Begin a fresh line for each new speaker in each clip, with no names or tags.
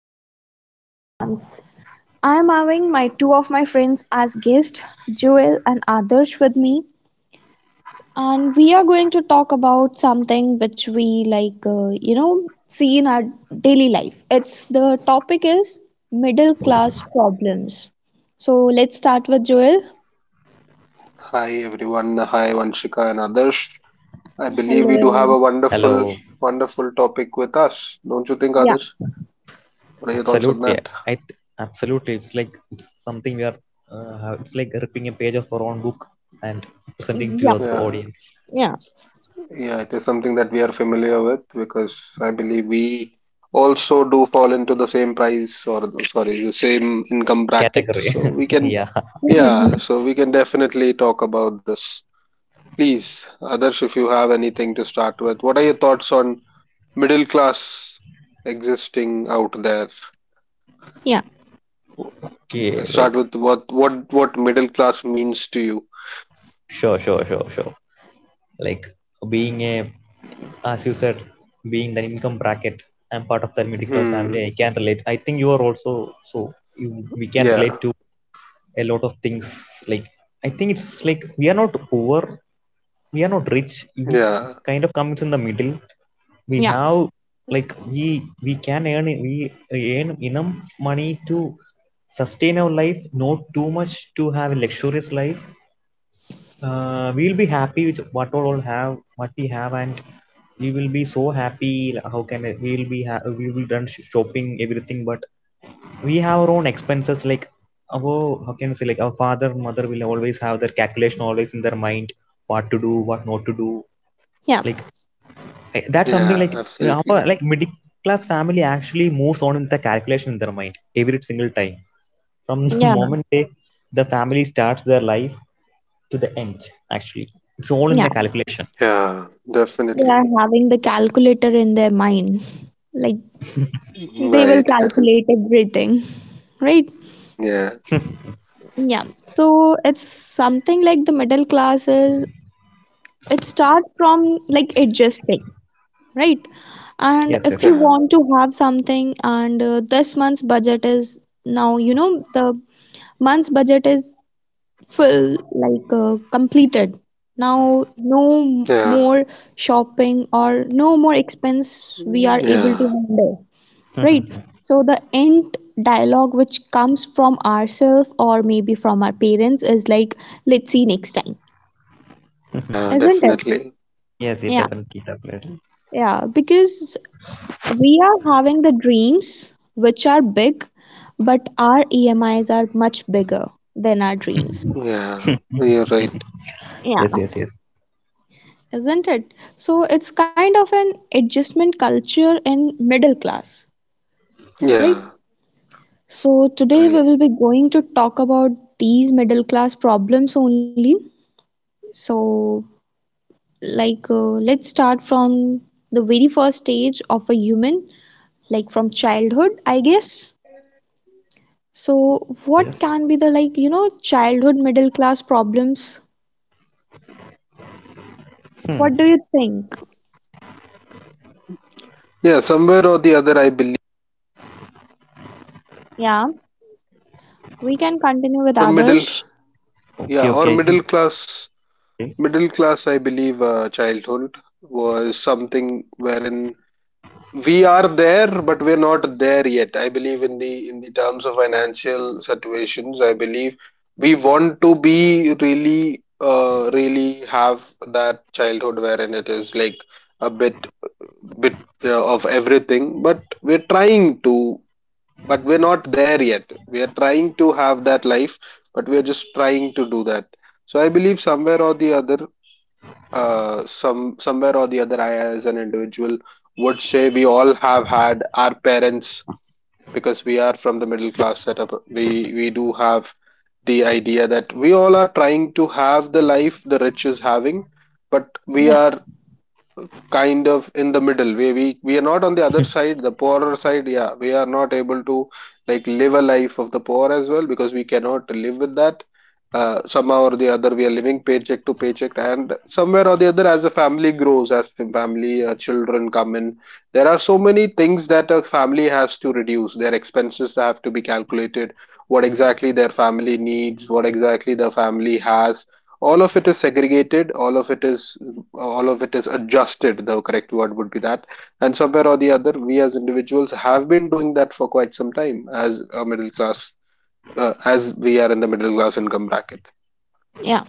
Vanshika here and I'm having my two of my friends as guests, Joel and Adarsh with me. And we are going to talk about something which we like, see in our daily life. It's the topic is middle class problems. So let's start with Joel.
Hi everyone. Hi Vanshika and Adarsh. I believe we do have a
Hello.
wonderful,
Hello.
wonderful topic with us. Don't you think,
Yeah.
Adarsh? What are your thoughts on
Absolutely.
that?
I th- Absolutely. It's like it's something we are. Uh, it's like ripping a page of our own book and presenting to
Yeah.
the other
Yeah,
audience
Yeah.
yeah, it is something that we are familiar with because I believe we also do fall into the same price or sorry, the same income bracket.
category.
So we can,
Yeah.
yeah, so we can definitely talk about this. Please, Adarsh, if you have anything to start with, what are your thoughts on middle class existing out there?
yeah.
Okay.
Let's start
Like
with what middle class means to you.
sure, sure, sure, sure. Like being a, as you said, being the income bracket. I'm part of that middle class family.
Hmm.
I can relate. I think you are also so. You, we can relate
Yeah.
to a lot of things. Like, I think it's like we are not poor, we are not rich, we
Yeah.
kind of comes in the middle. We
Yeah.
have, like, we can earn, we earn enough money to sustain our life, not too much to have a luxurious life. We'll be happy with what all have what we have, and we will be so happy. Like, how can I, we will shopping everything. But we have our own expenses, like our— how can I say — like our father, mother will always have their calculation always in their mind, what to do, what not to do, like... That's something
Yeah.
like... Our,
Absolutely.
like, middle class family actually moves on in the calculation in their mind every single time, from the
Yeah.
moment they— the family starts their life to the end. Actually, it's all in
Yeah.
the calculation.
Yeah.
They are
Definitely.
having the calculator in their mind. Like they will
Right.
calculate everything, right?
yeah.
Yeah. So it's something like the middle classes. It starts from like adjusting, right? And
Yes,
if
yes.
you
Yeah.
want to have something, and this month's budget is now, the month's budget is full, like completed. Now, no
Yeah.
more shopping or no more expense we are able to
Yeah.
handle. Right, so the end dialogue which comes from ourselves or maybe from our parents is like, let's see next time.
Yeah.
Isn't it?
Definitely.
Yes, it
Yeah,
definitely definitely.
yeah, because we are having the dreams which are big, but our EMIs are much bigger than our dreams.
Yeah. You're right.
Yeah,
Yes, yes, yes,
isn't it? So it's kind of an adjustment culture in middle class, right?
Yeah.
So today
Right.
we will be going to talk about these middle class problems only. So, let's start from the very first stage of a human, like from childhood, I guess. So what
yes.
can be the, like, you know, childhood middle class problems?
Hmm.
What do you think?
Yeah. Somewhere or the other, I believe,
Yeah, we can continue with
or middle.
others.
Yeah.
Okay,
Or
okay, I think...
middle class. Middle class, I believe, childhood was something wherein we are there, but we're not there yet, I believe, in the terms of financial situations. I believe we want to be really really have that childhood wherein it is like a bit of everything, but we're trying to but we're not there yet. We are trying to have that life, but we're just trying to do that. So I believe somewhere or the other, somewhere or the other, I as an individual would say we all have had our parents. Because we are from the middle class setup, we do have the idea that we all are trying to have the life the rich is having, but we
Yeah.
are kind of in the middle where we are not on the other side, the poorer side. Yeah, we are not able to like live a life of the poor as well, because we cannot live with that. Somehow or the other, we are living paycheck to paycheck, and somewhere or the other, as a family grows, as the family children come in, there are so many things that a family has to reduce. Their expenses have to be calculated, what exactly their family needs, what exactly the family has. All of it is segregated, all of it is adjusted. The correct word would be that. And somewhere or the other, we as individuals have been doing that for quite some time as a middle class, as we are in the middle class income bracket.
Yeah.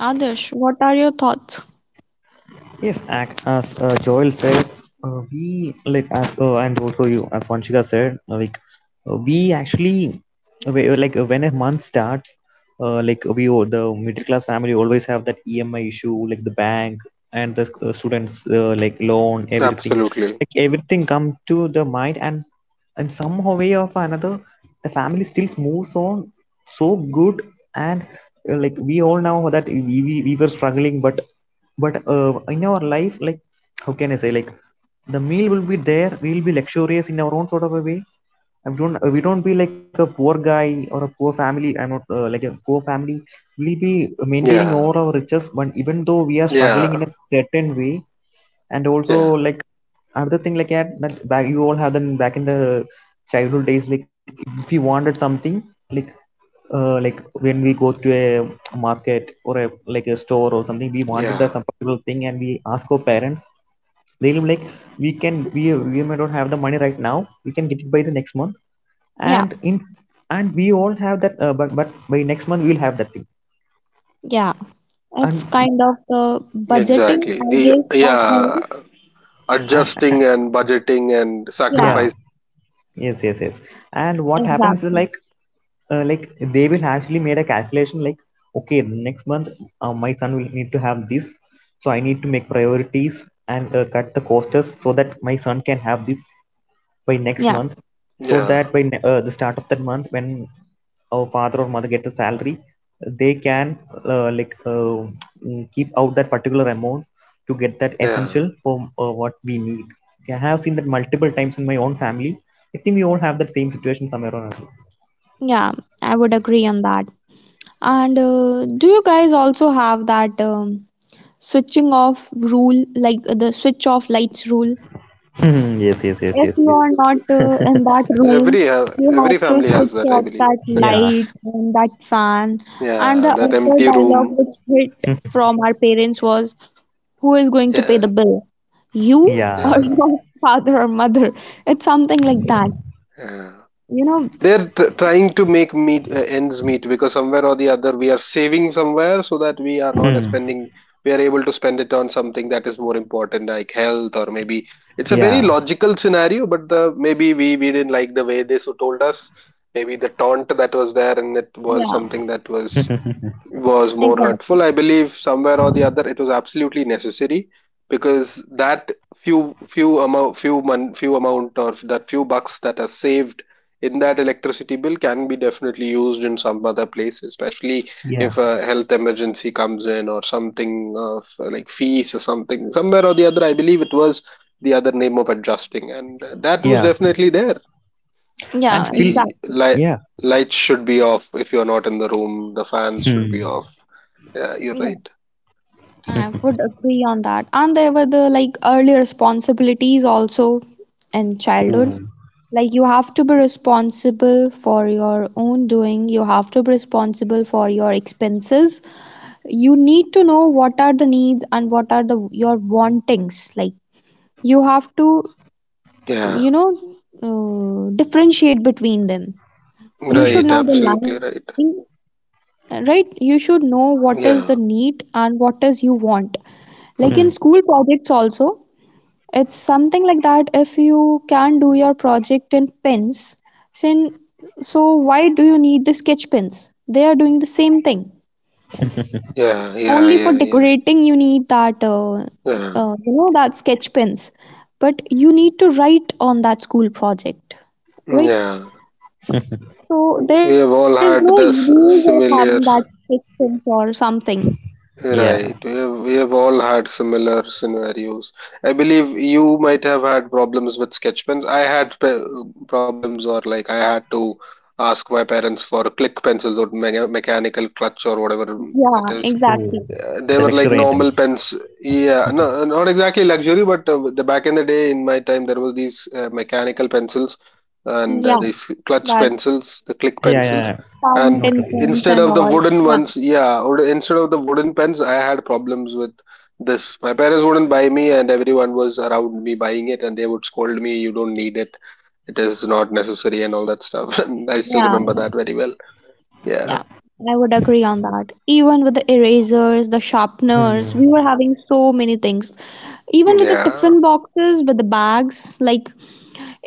Others, what are your thoughts?
Yes, as Joel said, we like as and also you as Vanshika said, like we actually like when a month starts, like the middle class family always have that EMI issue, like the bank and the students like loan, everything,
Absolutely.
like everything come to the mind. And somehow way or another, the family still moves on so good. And like we all know that we were struggling, but in our life, like, how can I say, like, the meal will be there, we'll be luxurious in our own sort of a way. I don't We don't be like a poor guy or a poor family, I'm not like a poor family. We'll be maintaining
Yeah.
all our riches, but even though we are struggling
Yeah.
in a certain way. And also,
Yeah.
like, another thing, like, yeah, that back you all have them back in the childhood days, like, if we wanted something, like, like, when we go to a market or a, like, a store or something, we wanted that
Yeah.
some particular thing and we ask our parents. They'll be like, we may not have the money right now, we can get it by the next month.
Yeah.
And in... and we all have that, but by next month we'll have that thing.
Yeah, it's
And
kind of the budgeting,
Exactly,
I
the,
guess, at
yeah,
home.
uh, uh,
adjusting and budgeting and
Yeah,
yeah.
sacrifice.
Yes, yes, yes. And what happens is,
exactly.
like, like, they will actually made a calculation, like, okay, next month my son will need to have this, so I need to make priorities and cut the costs so that my son can have this by
Yeah.
next month. So
Yeah.
that by the start of that month, when our father or mother get the salary, they can, uh, like uh, keep out that particular amount to get that
Yeah.
essential for what we need. Okay, I have seen that multiple times in my own family. I think we all have that same situation somewhere or another.
Yeah, I would agree on that. And do you guys also have that switching off rule, like the switch off lights rule?
Hmm, yes, yes, yes,
If
yes,
you
yes.
are not in that room,
Every
you have
every
to
family has
switch
that, I
off
believe.
that
Yeah.
light and that fan. And
Yeah,
the
that
other
empty
dialogue
room.
which hit
Hmm.
from our parents was, who is going to pay
Yeah.
the bill? You or
Yeah.
Yeah.
your father or mother? It's something like that.
Yeah.
You know?
Trying to make meet ends meet, because somewhere or the other, we are saving somewhere so that we are not
Hmm.
spending. We are able to spend it on something that is more important, like health, or maybe it's a very
Yeah.
logical scenario. But the maybe we didn't like the way they so told us. Maybe the taunt that was there, and it was
Yeah,
something that was more
exactly.
hurtful. I believe somewhere or the other, it was absolutely necessary. Because that few amount or that few bucks that are saved in that electricity bill can be definitely used in some other place, especially
Yeah.
if a health emergency comes in, or something of like fees or something. Somewhere or the other, I believe it was the other name of adjusting, and that was
Yeah.
definitely there.
And
Yeah,
feel.
The
exactly.
light
Yeah.
lights should be off if you're not in the room. The fans should be
Hmm.
off. Yeah, you're right.
I would agree on that. And there were the like early responsibilities also in childhood.
Ooh.
Like you have to be responsible for your own doing, you have to be responsible for your expenses. You need to know what are the needs and what are the your wantings. Like you have to,
Yeah,
you know, differentiate between them. You should
right.
Hmm.
know
Absolutely
the
right.
line, right? You should know what is the
Yeah,
need and what is you want. Like in school projects also, it's something like that, if you can do your project in pens. sin- So why do you need the sketch pens? They are doing the same thing.
yeah, yeah,
Only for
yeah, yeah,
decorating you need that uh, uh,
yeah,
you know that sketch pens. But you need to write on that school project, right?
yeah.
So
We
there
have
is
all
no
had this
use of
similar,
having that sketch pens or something.
Yeah.
right? We have all had similar scenarios. I believe you might have had problems with sketch pens. Problems, or like I had to ask my parents for click pencils or mechanical clutch or whatever it
Yeah,
is.
Oh.
exactly.
The
They were
luxury
like
items.
normal pens. Yeah, no, not exactly luxury, but the back in the day, in my time, there was these mechanical pencils and
Yeah,
these clutch
that
pencils, the click
Yeah, yeah, yeah.
pencils. And
fountain
Noted, noted.
pens
instead
and
of the
all.
wooden
Yeah,
ones, yeah, or instead of the wooden pens, I had problems with this. My parents wouldn't buy me, and everyone was around me buying it, and they would scold me, "You don't need it. It is not necessary," and all that stuff. And I still
yeah.
remember that very well. Yeah,
Yeah, I would agree on that. Even with the erasers, the
Hmm.
sharpeners, we were having so many things. Even with the
yeah,
tiffin boxes, with the bags, like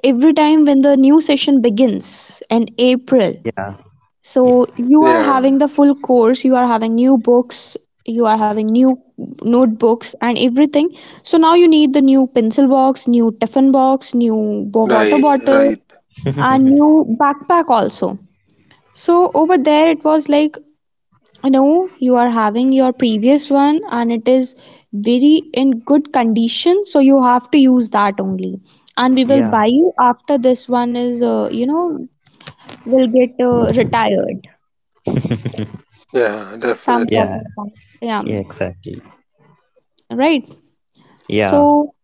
every time when the new session begins in April.
Yeah.
So you are having
yeah.
the full course, you are having new books, you are having new notebooks and everything. So now you need the new pencil box, new tiffin box, new water
Right,
bottle,
right.
and new backpack also. So
Yeah.
over there, it was like, I know you are having your previous one and it is very in good condition, so you have to use that only. And we will
Yeah.
buy you after this one is, will get retired.
Yeah,
Some sort
Yeah.
definitely.
of that. Yeah,
Yeah. Exactly.
right.
Yeah.
So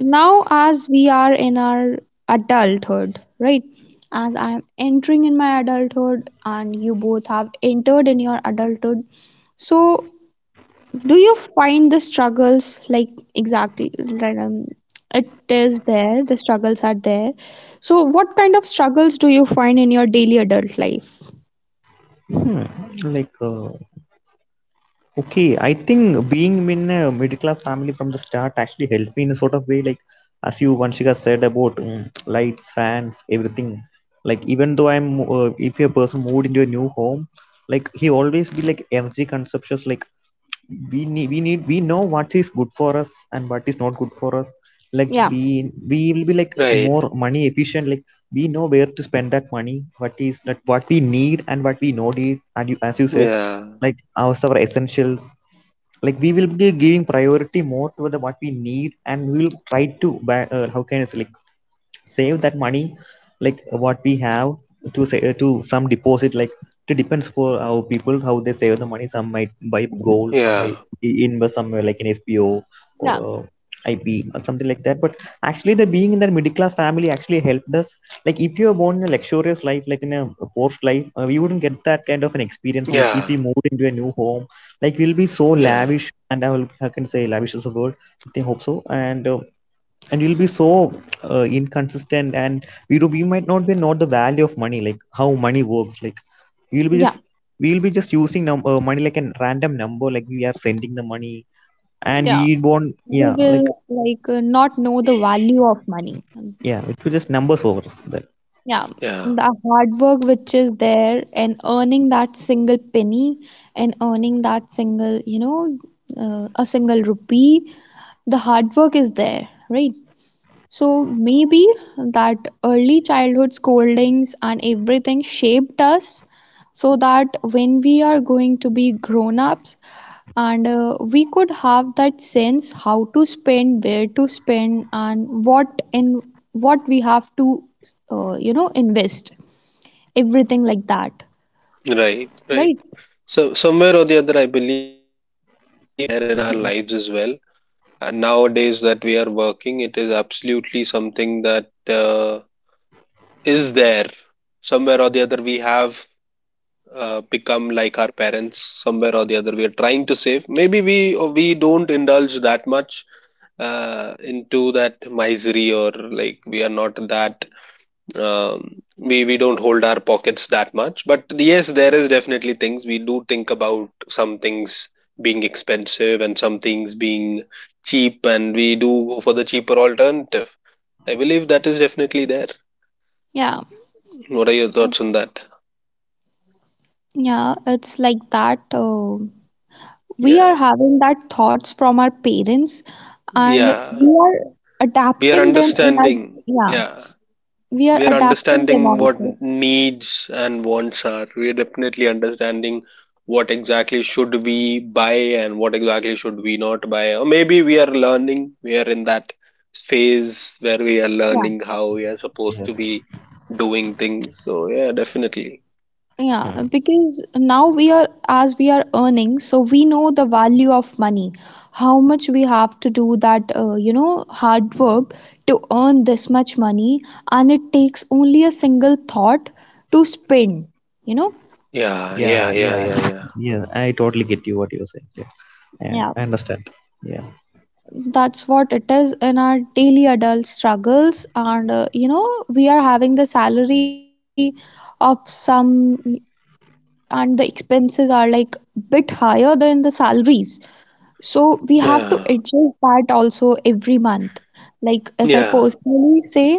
now, as we are in our adulthood, right? As I am entering in my adulthood, and you both have entered in your adulthood, so do you find the struggles like exactly right, it is there, the struggles are there. So what kind of struggles do you find in your daily adult life?
Hmm. Like. Okay, I think being in a middle class family from the start actually helped me in a sort of way, like, as you, Vanshika, said about lights, fans, everything. Like even though if a person moved into a new home, like, he always be like energy consumptions. Like we know what is good for us and what is not good for us. Like
Yeah.
we will be like
Right.
more money efficient. Like we know where to spend that money, what is that, what we need and what we not need. And you, as you said,
Yeah.
like our essentials, like we will be giving priority more to the what we need, and we will try to how can I say, like, save that money, like, what we have to say, to some deposit. Like, it depends for how people how they save the money. Some might buy gold, some
Yeah.
might invest somewhere, like in spo, or
Yeah,
ip, or something like that. But actually, the being in that middle class family actually helped us. Like if you are born in a luxurious life, like in a porsche life, we wouldn't get that kind of an experience. Like if we
Yeah.
moved into a new home, like, we'll be so
Yeah.
lavish, and I can say lavish is a word, I think, hope so. And and you'll be so inconsistent. And we might not be know the value of money, like how money works. Like you'll be just
yeah,
we'll be just using money like a random number, like we are sending the money and
yeah,
we won't, yeah,
we
like...
will not know the value of money.
yeah, it will just numbers over us then.
Yeah,
Yeah.
the hard work which is there and earning that single penny and earning that single, a single rupee, the hard work is there, right? So maybe that early childhood scoldings and everything shaped us so that when we are going to be grown ups, and we could have that sense how to spend, where to spend, and what in what we have to , you know, invest everything like that,
Right. Right.
right?
So somewhere or the other, I believe it is there in our lives as well. And nowadays that we are working, it is absolutely something that is there. Somewhere or the other, we have become like our parents. Somewhere or the other, we are trying to save. Maybe we don't indulge that much into that misery, or like we are not that we don't hold our pockets that much. But yes, there is definitely things we do think about, some things being expensive and some things being cheap, and we do go for the cheaper alternative. I believe that is definitely there.
Yeah.
What are your thoughts on that?
Yeah, it's like that, we
Yeah.
are having that thoughts from our parents and
Yeah,
we are
we are
adapting them in our.
understanding,
Yeah,
yeah.
we are
We are
adapting
understanding
them
what
also.
needs and wants are. We are definitely understanding what exactly should we buy and what exactly should we not buy, or maybe we are learning. We are in that phase where we are
Yeah.
learning how we are supposed to
Yes.
be doing things, so yeah, definitely.
Yeah,
Hmm.
because now we are, as we are earning, so we know the value of money, how much we have to do that , you know, hard work to earn this much money. And it takes only a single thought to spend, you know?
yeah
Yeah,
yeah yeah
yeah,
yeah yeah
yeah, I totally get you what you're saying. Yeah, yeah,
Yeah,
I understand.
that's what it is in our daily adult struggles. And we are having the salary of some, and the expenses are like bit higher than the salaries, so we have to
yeah
adjust that also every month. Like if I
yeah
personally say,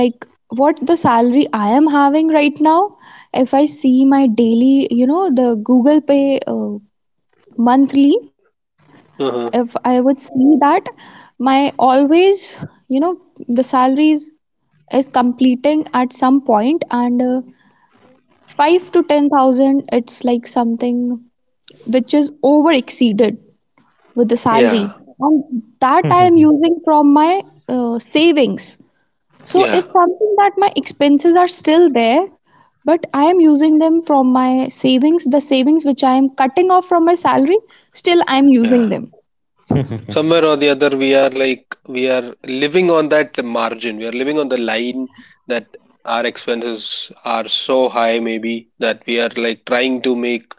like, what the salary I am having right now, if I see my daily, you know, the Google Pay monthly, if I
uh-huh.
would see that, my always, you know, the salaries is completing at some point, and 5 to 10,000, it's like something which is over exceeded with the salary,
Yeah,
and that I
Yeah.
am using from my savings. So
yeah,
it's something that my expenses are still there, but I am using them from my savings, the savings which I am cutting off from my salary, still I am
yeah.
using them.
Somewhere or the other, we are like we are living on that margin. We are living on the line that our expenses are so high, maybe that we are like trying to make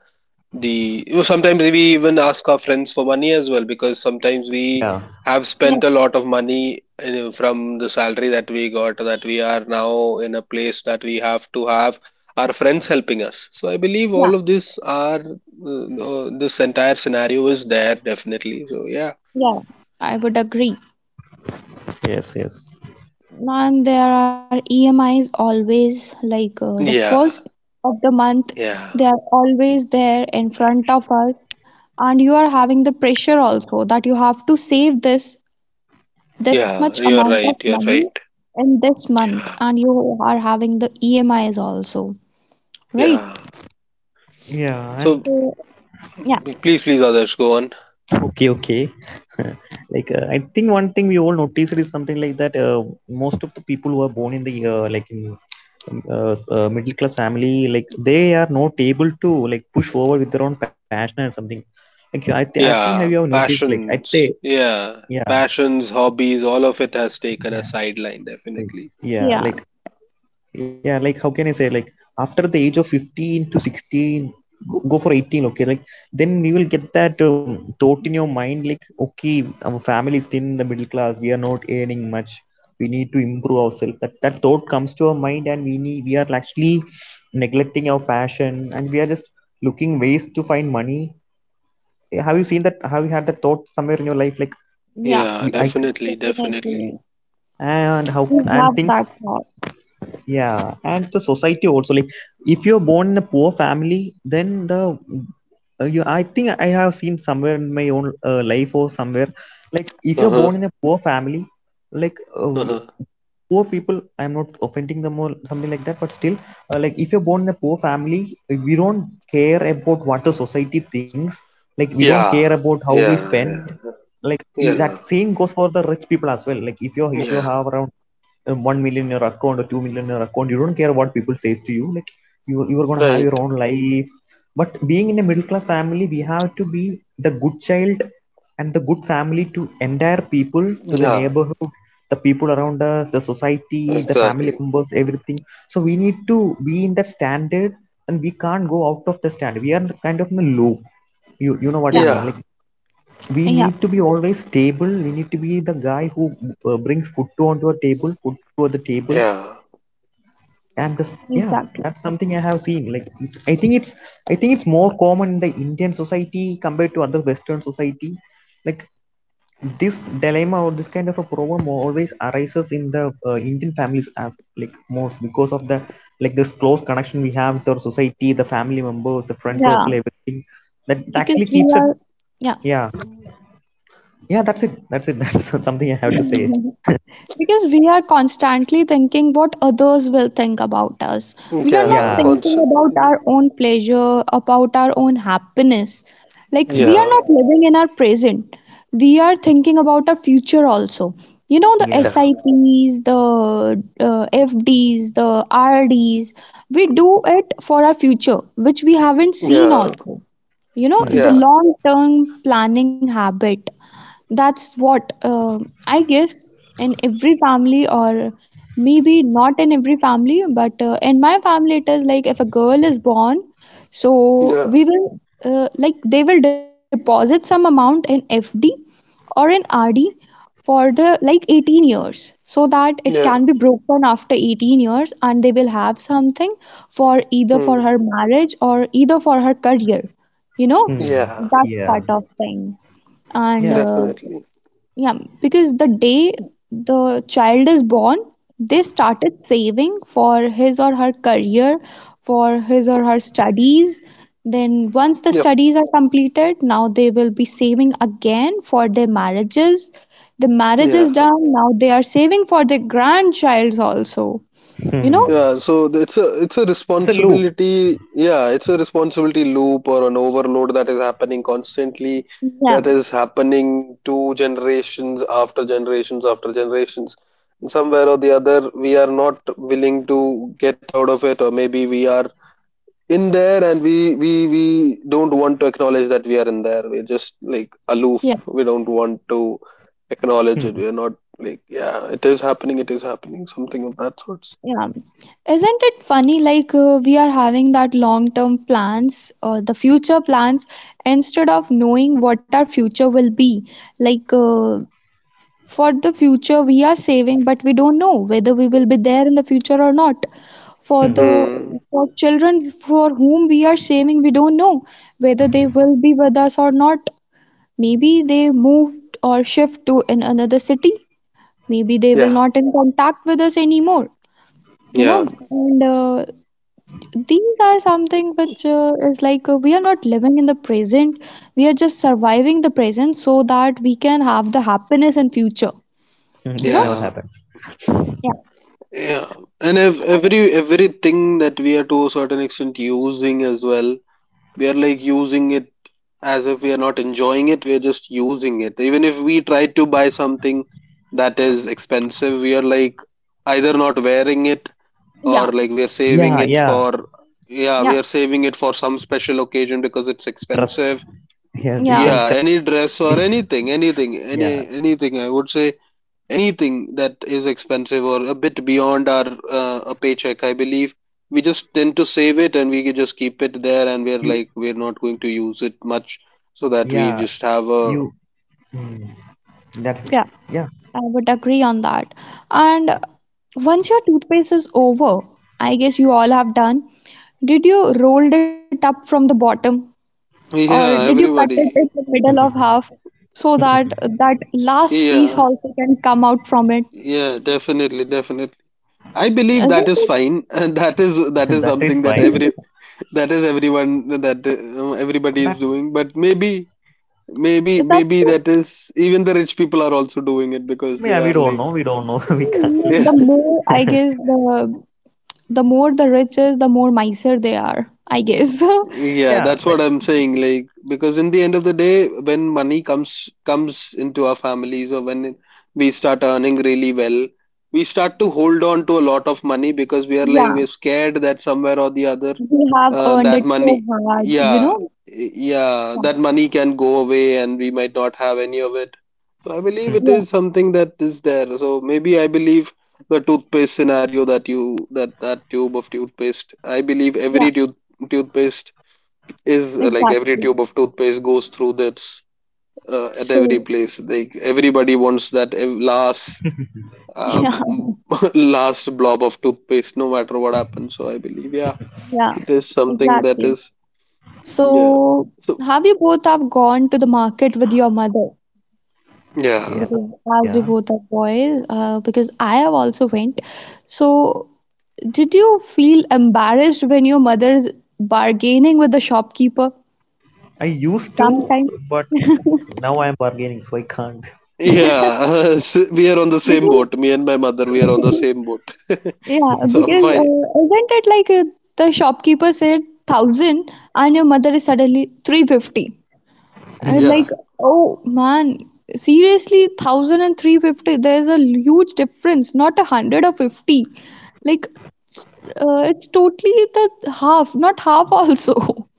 the, you know, sometimes we even ask our friends for money as well. Because sometimes we
Yeah.
have
Yeah.
spent a lot of money from the salary that we got, that we are now in a place that we have to have our friends helping us. So I believe all of this are, this entire scenario is there definitely, so yeah.
Yeah, I would agree.
Yes, yes.
And there are EMIs always, like the first
Yeah,
of the month,
yeah,
they are always there in front of us, and you are having the pressure also that you have to save this this much
yeah.
amount
You're
of
right. You're
money
right.
in this month,
Yeah.
and you are having the EMIs also, right?
Yeah.
Yeah. And
So
So, yeah,
Please, others, go on.
okay, okay. Like, I think one thing we all noticed is something like that, most of the people who are born in the like, in middle class family, like, they are not able to, like, push forward with their own passion or something. Like, I think, have you ever
Yeah,
noticed, like, I think...
passions. Yeah,
yeah,
passions, hobbies, all of it has taken a
yeah,
sideline,
like,
definitely.
yeah,
yeah,
like, yeah, like, how can I say, like, after the age of 15 to 16, go, go for 18, okay, like, then you will get that thought in your mind, like, okay, our family is still in the middle class, we are not earning much, we need to improve ourselves, that thought comes to our mind, and we are actually neglecting our passion, and we are just looking ways to find money. Have you seen that? Have you had that thought somewhere in your life, like,
yeah,
we,
Yeah,
I
definitely, definitely.
definitely.
and how
We
and
have
things...
that thought.
Yeah, and the society also, like, if you're born in a poor family, then the you— I think I have seen somewhere in my own life or somewhere. Like if
Uh
you're
huh.
born in a poor family, like, uh,
Uh
we-
huh.
poor people, I'm not offending them or something like that, but still, like, if you're born in a poor family, we don't care about what the society thinks. Like, we don't care about
Yeah.
how we
Yeah.
spend.
Yeah.
Like, that
Yeah.
same goes for the rich people as well. Like if you have
Yeah.
around 1 million in your account or 2 million in your account, you don't care what people says to you, like, you are going to have your
Right.
own life. But being in a middle class family, we have to be the good child and the good family, to entire people, to the
Yeah.
neighborhood, the people around us, the society, the family
Exactly.
members, everything. So we need to be in that standard, and we can't go out of the standard, we are kind of in a loop. You know what I
Yeah,
mean,
Yeah.
like, we
yeah,
need to be always stable, we need to be the guy who brings food to the table.
Yeah.
And this... yeah,
exactly.
that's something I have seen. Like, I think it's more common in the Indian society compared to other Western society. Like, this dilemma or this kind of a problem always arises in the Indian families as, like, most, because of the, like, this close connection we have with our society, the family members, the friend circle,
Yeah,
everything, that actually
because we
keeps it.
are. Yeah.
Yeah. Yeah, that's it, that's it. That's something I have to say.
Mhm. Because we are constantly thinking what others will think about us. We are not
Yeah.
Yeah.
thinking about
Constantly.
our own pleasure, about our own happiness. Like, we
Hmm.
are
Yeah.
not living in our present. We are thinking about our future also. You know, the
Yeah.
Yeah.
SIPs, the FDs, the RDs, we do it for our future, which we haven't seen
Yeah.
also, you know,
Hmm.
the
Yeah.
long term planning habit. That's what, I guess, in every family, or maybe not in every family, but in my family it is like, if a girl is born, so
Yeah,
we will , like, they will deposit some amount in FD or in RD for the like 18 years, so that it can
yeah.
be broken after 18 years and they will have something for either for
Hmm.
her marriage or either for her career, you know,
Hmm.
Yeah,
that
Yeah.
part of thing. And
Yeah.
definitely.
yeah, because the day the child is born, they started saving for his or her career, for his or her studies. Then once the
Yep,
studies are completed, now they will be saving again for their marriages. The marriage
yeah,
is done, now they are saving for their grandchilds also, you know.
Hmm.
yeah. So it's a, it's a
It's a loop.
responsibility. Yeah, it's a responsibility loop or an overload that is happening constantly.
Yeah.
That is happening to generations after generations after generations. And somewhere or the other, we are not willing to get out of it, or maybe we are in there, and we don't want to acknowledge that we are in there. We're just like aloof. We don't want to acknowledge
Hmm.
it. We're not like yeah, it is happening, it is happening, something of that sorts.
Yeah. Isn't it funny? Like, we are having that long term plans, the future plans, instead of knowing what our future will be. Like, for the future, we are saving, but we don't know whether we will be there in the future or not. For
Hmm.
the
Hmm.
for children for whom we are saving, we don't know whether they will be with us or not. Maybe they moved or shift to in another city. Maybe they will
Yeah.
not in contact with us anymore, you know.
Yeah.
And these are something which is like we are not living in the present. We are just surviving the present so that we can have the happiness in future.
Hmm.
You
Which never
know?
Yeah,
happens.
Yeah.
yeah. And if every everything that we are to a certain extent using as well, we are like using it as if we are not enjoying it. We are just using it. Even if we try to buy something that is expensive, we are like either not wearing it
Yeah.
or like we are saving
Yeah.
it
Yeah.
for, yeah, we
Yeah.
are saving it for some special occasion because it's
Trust.
expensive.
Yeah. We
Yeah.
can.
Yeah, any dress or anything, anything,
Yeah.
any anything, I would say, anything that is expensive or a bit beyond our a paycheck. I believe we just tend to save it, and we can just keep it there, and we're
You.
like we're not going to use it much, so that we
Yeah.
just have a
You. Hmm. That.
Yeah,
Yeah.
I would agree on that. And once your toothpaste is over, I guess you all have done. Did you rolled it up from the bottom, or did you
yeah.
cut it in
Everybody,
the middle of half, so that that last piece
yeah,
also can come out from it?
yeah, definitely, definitely. I believe
Isn't
that is
it?
fine, and that is
That is
something that
fine.
every that is everyone that everybody is
That's.
doing. But maybe maybe
That's
maybe that is even the rich people are also doing it because they
Yeah.
are
We don't
like
know. We don't know. We can't.
the more, I guess, the more the rich is, the more miser they are, I guess.
yeah,
Yeah.
that's
Like.
what I'm saying. Like, because in the end of the day, when money comes into our families, or when we start earning really well, we start to hold on to a lot of money because we are like
Yeah,
we're scared that somewhere or the other,
they have earned
that
it so
money,
hard, you
yeah,
know?
yeah,
Yeah,
that money can go away and we might not have any of it. So I believe it
yeah,
is something that is there. So maybe I believe the toothpaste scenario that you that that tube of toothpaste. I believe
yeah,
every toothpaste is like every
exactly.
tube of toothpaste goes through this at every
So,
place. Like everybody wants that last uh,
yeah,
last blob of toothpaste, no matter what happens. So I believe yeah,
yeah,
it is something that
exactly.
is yeah.
So,
So
have you both have gone to the market with your mother?
Yeah.
yeah.
Because as you
Yeah.
both are boys, because I have also went. So, did you feel embarrassed when your mother's bargaining with the shopkeeper?
I used to,
Sometimes,
but
because,
now I'm bargaining, so I can't.
Yeah, we are on the same boat. Me and my mother, we are on the same boat.
yeah.
So I'm
Because
fine.
isn't it like the shopkeeper said thousand, and your mother is suddenly 350? Like,
Yeah,
oh man, seriously, thousand and three fifty. There's a huge difference, not 100 or 50. Like, s- it's totally the half, not half also.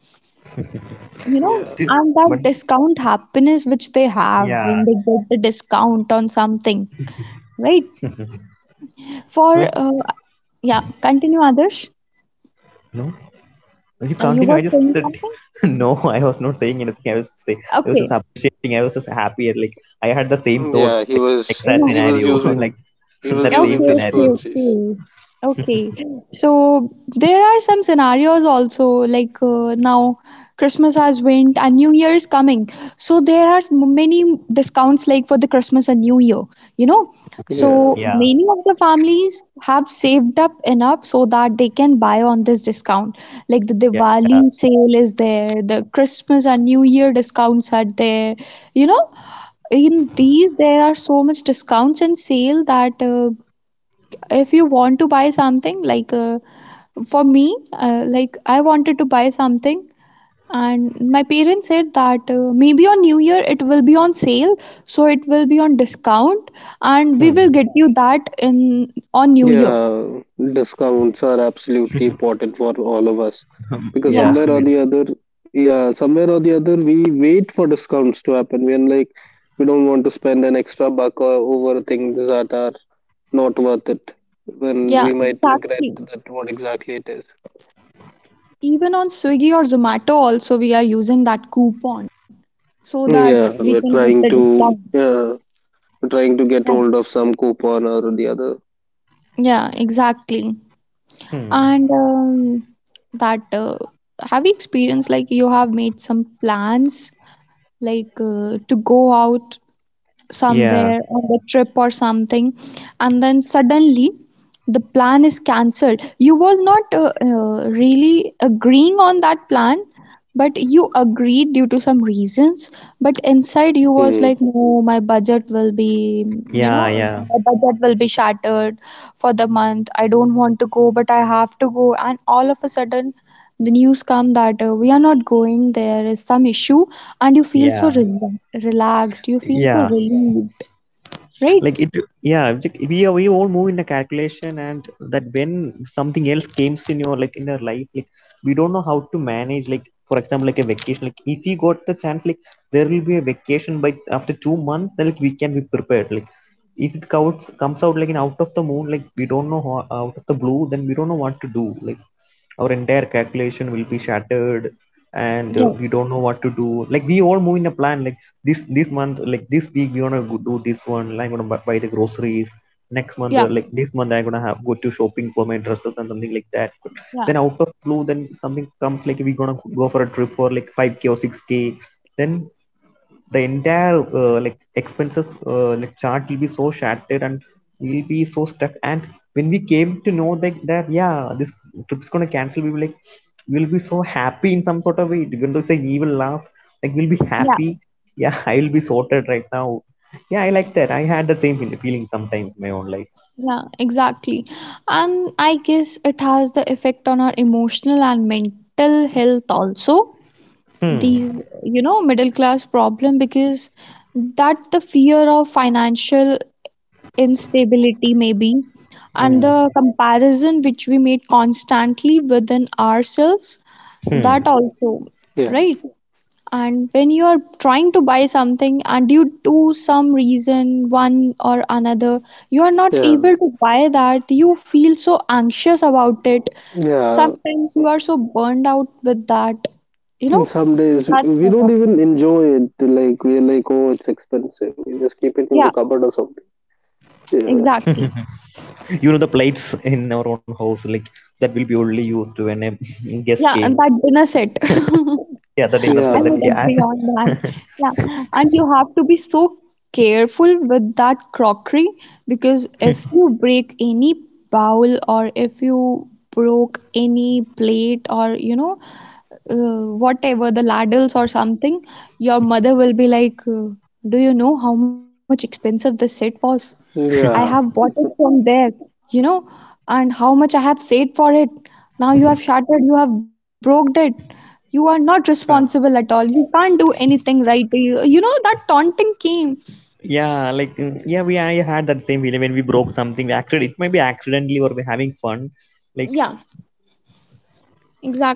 You know,
yeah,
Still.
and that
But.
discount happiness which they have when
Yeah.
they get the discount on something, right?
Like.
For Yeah, continue, Adarsh.
No. You
You
continue. I
were
just
saying
said,
something?
no, I was not saying anything. I was say, I was just
Okay.
appreciating. I was just happy. And, like I had the same thought,
yeah.
like exact
Yeah.
scenario, like
He was
that same
using
Okay, okay,
scenario.
disfluencies.
okay. Okay. So there are some scenarios also, like, now Christmas has went and New Year is coming. So there are many discounts, like for the Christmas and New Year, you know.
Yeah,
So
Yeah,
many of the families have saved up enough so that they can buy on this discount. Like the
yeah.
Diwali sale is there, the Christmas and New Year discounts are there. You know, in these there are so much discounts and sale that if you want to buy something, like for me, like, I wanted to buy something, and my parents said that maybe on New Year it will be on sale, so it will be on discount, and we
Hmm.
will get you that in on New Year.
yeah. Discounts are absolutely important for all of us, because
Yeah,
Yeah.
somewhere or the other, yeah, somewhere or the other, we wait for discounts to happen. We're like, we don't want to spend an extra buck or over things that are not worth it, when
yeah,
we might regret
exactly.
that what exactly it is.
Even on Swiggy or Zomato also, we are using that coupon so that we
Yeah,
can
we're
get the
trying to.
discount.
Yeah, trying to get
Yeah,
hold of some coupon or the other.
yeah, exactly.
Hmm.
And that have you experienced, like, you have made some plans, like, to go out
Yeah,
somewhere on the trip or something, and then suddenly the plan is cancelled? You was not really agreeing on that plan, but you agreed due to some reasons. But inside, you was
Hmm.
like, no, my budget will be you know
yeah, yeah,
my budget will be shattered for the month. I don't want to go, but I have to go, and all of a sudden the news come that we are not going, there is some issue. And you feel so
yeah,
relaxed, you feel so
yeah.
relieved, right?
Like it. Yeah, we all move in a calculation, and that when something else comes in your, like in your life, like we don't know how to manage, like for example, like a vacation, like if you got the chance, like there will be a vacation by after 2 months, then like we can be prepared, like if it comes out like an out of the moon, like we don't know how, out of the blue, then we don't know what to do, like our entire calculation will be shattered, and
Yeah,
we don't know what to do, like we all move in a plan, like this month, like this week we gonna go do this one, like I'm gonna buy the groceries, next month
yeah,
like this month I'm gonna have go to shopping for my dresses and something like that.
yeah,
Then out of blue, then something comes, like we gonna go for a trip for like 5k or 6k, then the entire like expenses like chart will be so shattered, and we'll be so stuck, and when we came to know that, yeah, this trip's gonna cancel, we were like we'll be so happy in some sort of way, even though it's an evil laugh, like we'll be
yeah,
happy. Yeah, I'll be sorted right now. Yeah, I like that. I had the same feeling sometimes in my own life.
yeah, exactly. And I guess it has the effect on our emotional and mental health also.
Hmm.
These middle class problem, because that the fear of financial instability maybe, and
Ooh.
the comparison which we made constantly within ourselves, that
Hmm.
also,
Yeah.
right? And when you are trying to buy something, and you do some reason one or another, you are not
Yeah,
able to buy that, you feel so anxious about it.
yeah.
Sometimes you are so burned out with that, you
In
know,
some days
that
we
sort
don't
of
even
thing.
enjoy it. Like we're like, oh, it's expensive. We just keep it in the
Yeah,
cupboard or something. Yeah.
exactly.
You know, the plates in our own house, like that will be only used when a guest came.
Yeah, that dinner set.
Yeah, that dinner said that,
I
Yeah.
yeah.
would agree on that. Yeah, and you have to be so careful with that crockery, because if you break any bowl, or if you broke any plate, or you know, whatever, the ladles or something, your mother will be like, "Do you know how much expensive this set was? I have
Yeah.
bought it from there, you know, and how much I have saved for it. Now you have shattered, you have broke it. You are not responsible at all. You can't do anything right. You know, that taunting came."
Yeah, like yeah, we I had that same feeling when we broke something. We Accident, it might be accidentally, or we're having fun. Like
Yeah,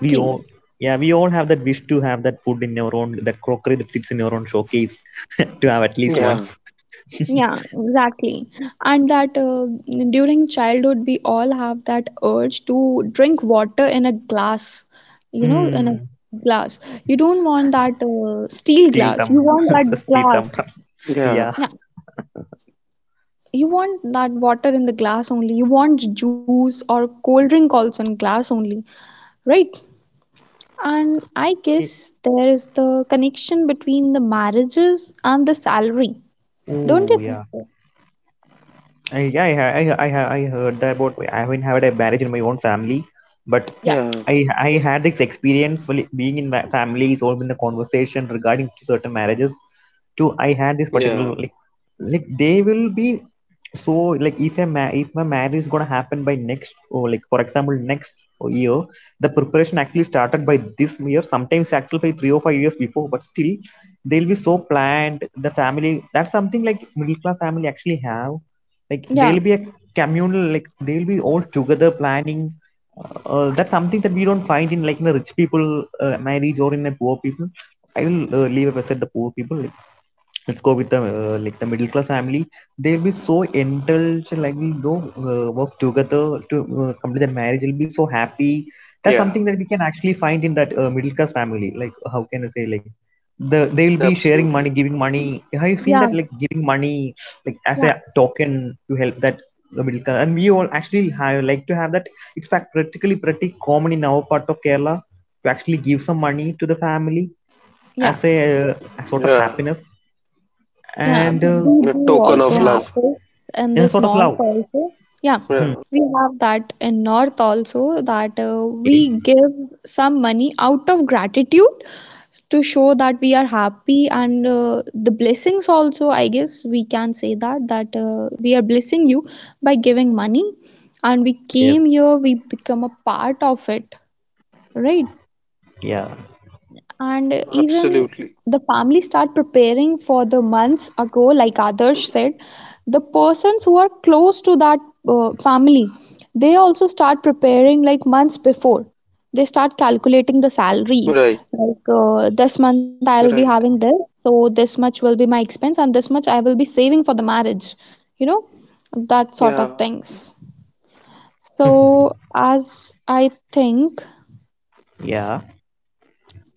we all, yeah, we all have that wish to have that food in our own, that crockery that sits in your own showcase, to have at least
Yeah.
once.
Yeah, exactly. And that, during childhood, we all have that urge to drink water in a glass, you know, in a
Mm.
glass. You don't want that steel
Steel
glass, you
tumbler,
want
the
that
steel
glass.
tumbler.
Yeah.
Yeah,
Yeah.
you want that water in the glass only, you want juice or cold drink also in glass only, right? And I guess there is the connection between the marriages and the salary, don't
Oh
you think
yeah.
so?
Yeah, I heard that about. I haven't had a marriage in my own family, but
Yeah,
Yeah. Yeah.
I had this experience while being in families, or in the conversation regarding to certain marriages. Too, I had this
Yeah.
particular, like they will be so, like if if my marriage is gonna happen by next, or like for example next year, the preparation actually started by this year. Sometimes actually by 3 or 5 years before, but still they'll be so planned. The family, that's something like middle class family actually have, like
yeah,
there'll be a communal, like they'll be all together planning. That's something that we don't find in, like in a rich people marriage, or in a poor people. I will leave aside the poor people. Let's go with the like the middle class family. They'll be so indulged, like we go work together to complete their marriage. They'll be so happy. That's
Yeah.
something that we can actually find in that middle class family, like how can I say, like they will be sharing money,
Absolutely.
giving money. Have you seen
yeah,
that, like giving money, like as
yeah,
a token to help that? The middle class and we all actually have, like to have that. It's fact practically pretty common in our part of Kerala to actually give some money to the family
yeah.
as a uh, sort of
Yeah.
happiness,
Yeah,
and
we
A
do
token of
also
yeah,
have
love.
this in
yeah,
this
sort of
north
love.
also. Yeah,
Hmm.
Yeah.
we have that in north also, that
Okay.
we give some money out of gratitude, to show that we are happy, and the blessings also, I guess we can say that, that we are blessing you by giving money, and we
Yes.
came here, we become a part of it, right?
Yeah.
And even
Absolutely.
the family start preparing for the months ago, like Adarsh said, the persons who are close to that family, they also start preparing like months before. They start calculating the salaries.
Right.
Like, this month I will be
Right.
having this, so this much will be my expense, and this much I will be saving for the marriage. You know, that sort of
Yeah.
things. So, as I think,
Yeah.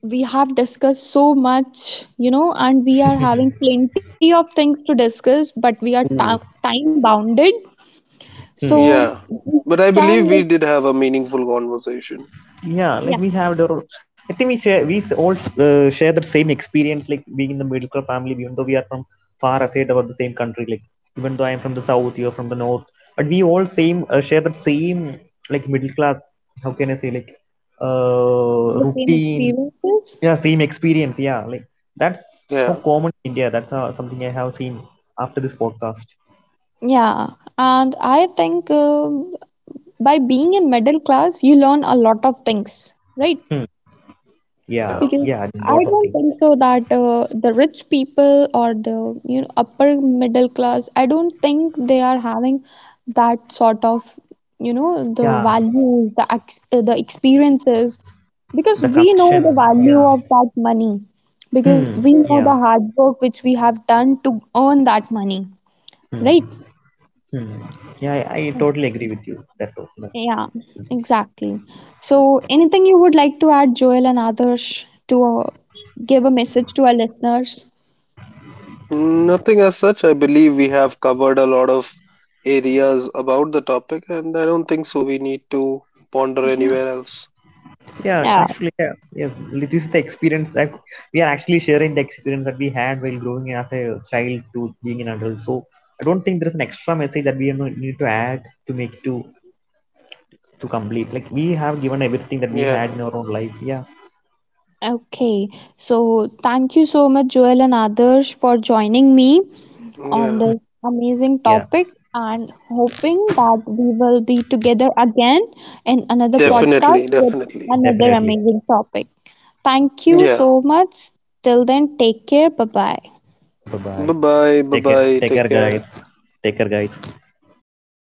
we have discussed so much, you know, and we are having plenty of things to discuss, but we are ta
Ooh.
time bounded. So
Hmm.
Yeah,
we
but I
can,
believe
like,
we did have a meaningful conversation.
Yeah.
yeah,
Like we have the. I think we share. We all share the same experience. Like being in the middle class family, even though we are from far aside about the same country. Like even though I am from the south, you are from the north, but we all same share that same, like middle class. How can I say, like
the same
routine?
experiences.
Yeah, same experience. Yeah, like that's so
Yeah,
common in India. That's something I have seen after this podcast.
Yeah, and I think, by being in middle class, you learn a lot of things, right?
Hmm. Yeah,
yeah.
Because
yeah,
I
lot of
don't
things.
think so that the rich people, or the, you know, upper middle class, I don't think they are having that sort of, you know, the
Yeah,
values, the ex the experiences, because
the
we know
connection.
the value
Yeah.
of that money, because
Hmm.
we know
Yeah.
the hard work which we have done to earn that money, right?
Hmm. Hmm. Yeah, I totally agree with you. That,
Yeah, exactly. So, anything you would like to add, Joel and Adarsh, to give a message to our listeners?
Nothing as such. I believe we have covered a lot of areas about the topic, and I don't think so we need to ponder
yeah,
anywhere else.
yeah.
Yeah.
Actually, yeah, yeah. This is the experience that we are actually sharing, the experience that we had while growing as a child to being an adult. So I don't think there is an extra message that we need to add to make it to complete. Like we have given everything that we had in
Yeah,
our own life. Yeah.
Okay, so thank you so much, Joel and Adarsh, for joining me on
yeah.
Hmm.
this amazing
Yeah.
topic, and hoping that we will be together again in another
Sure.
podcast
Definitely,
with
definitely.
another
Definitely.
amazing topic. Thank you
Yeah.
so much. Till then, take care. Bye bye.
Bye bye.
Bye bye, bye bye.
Take
Take
care
care.
guys. Take care guys.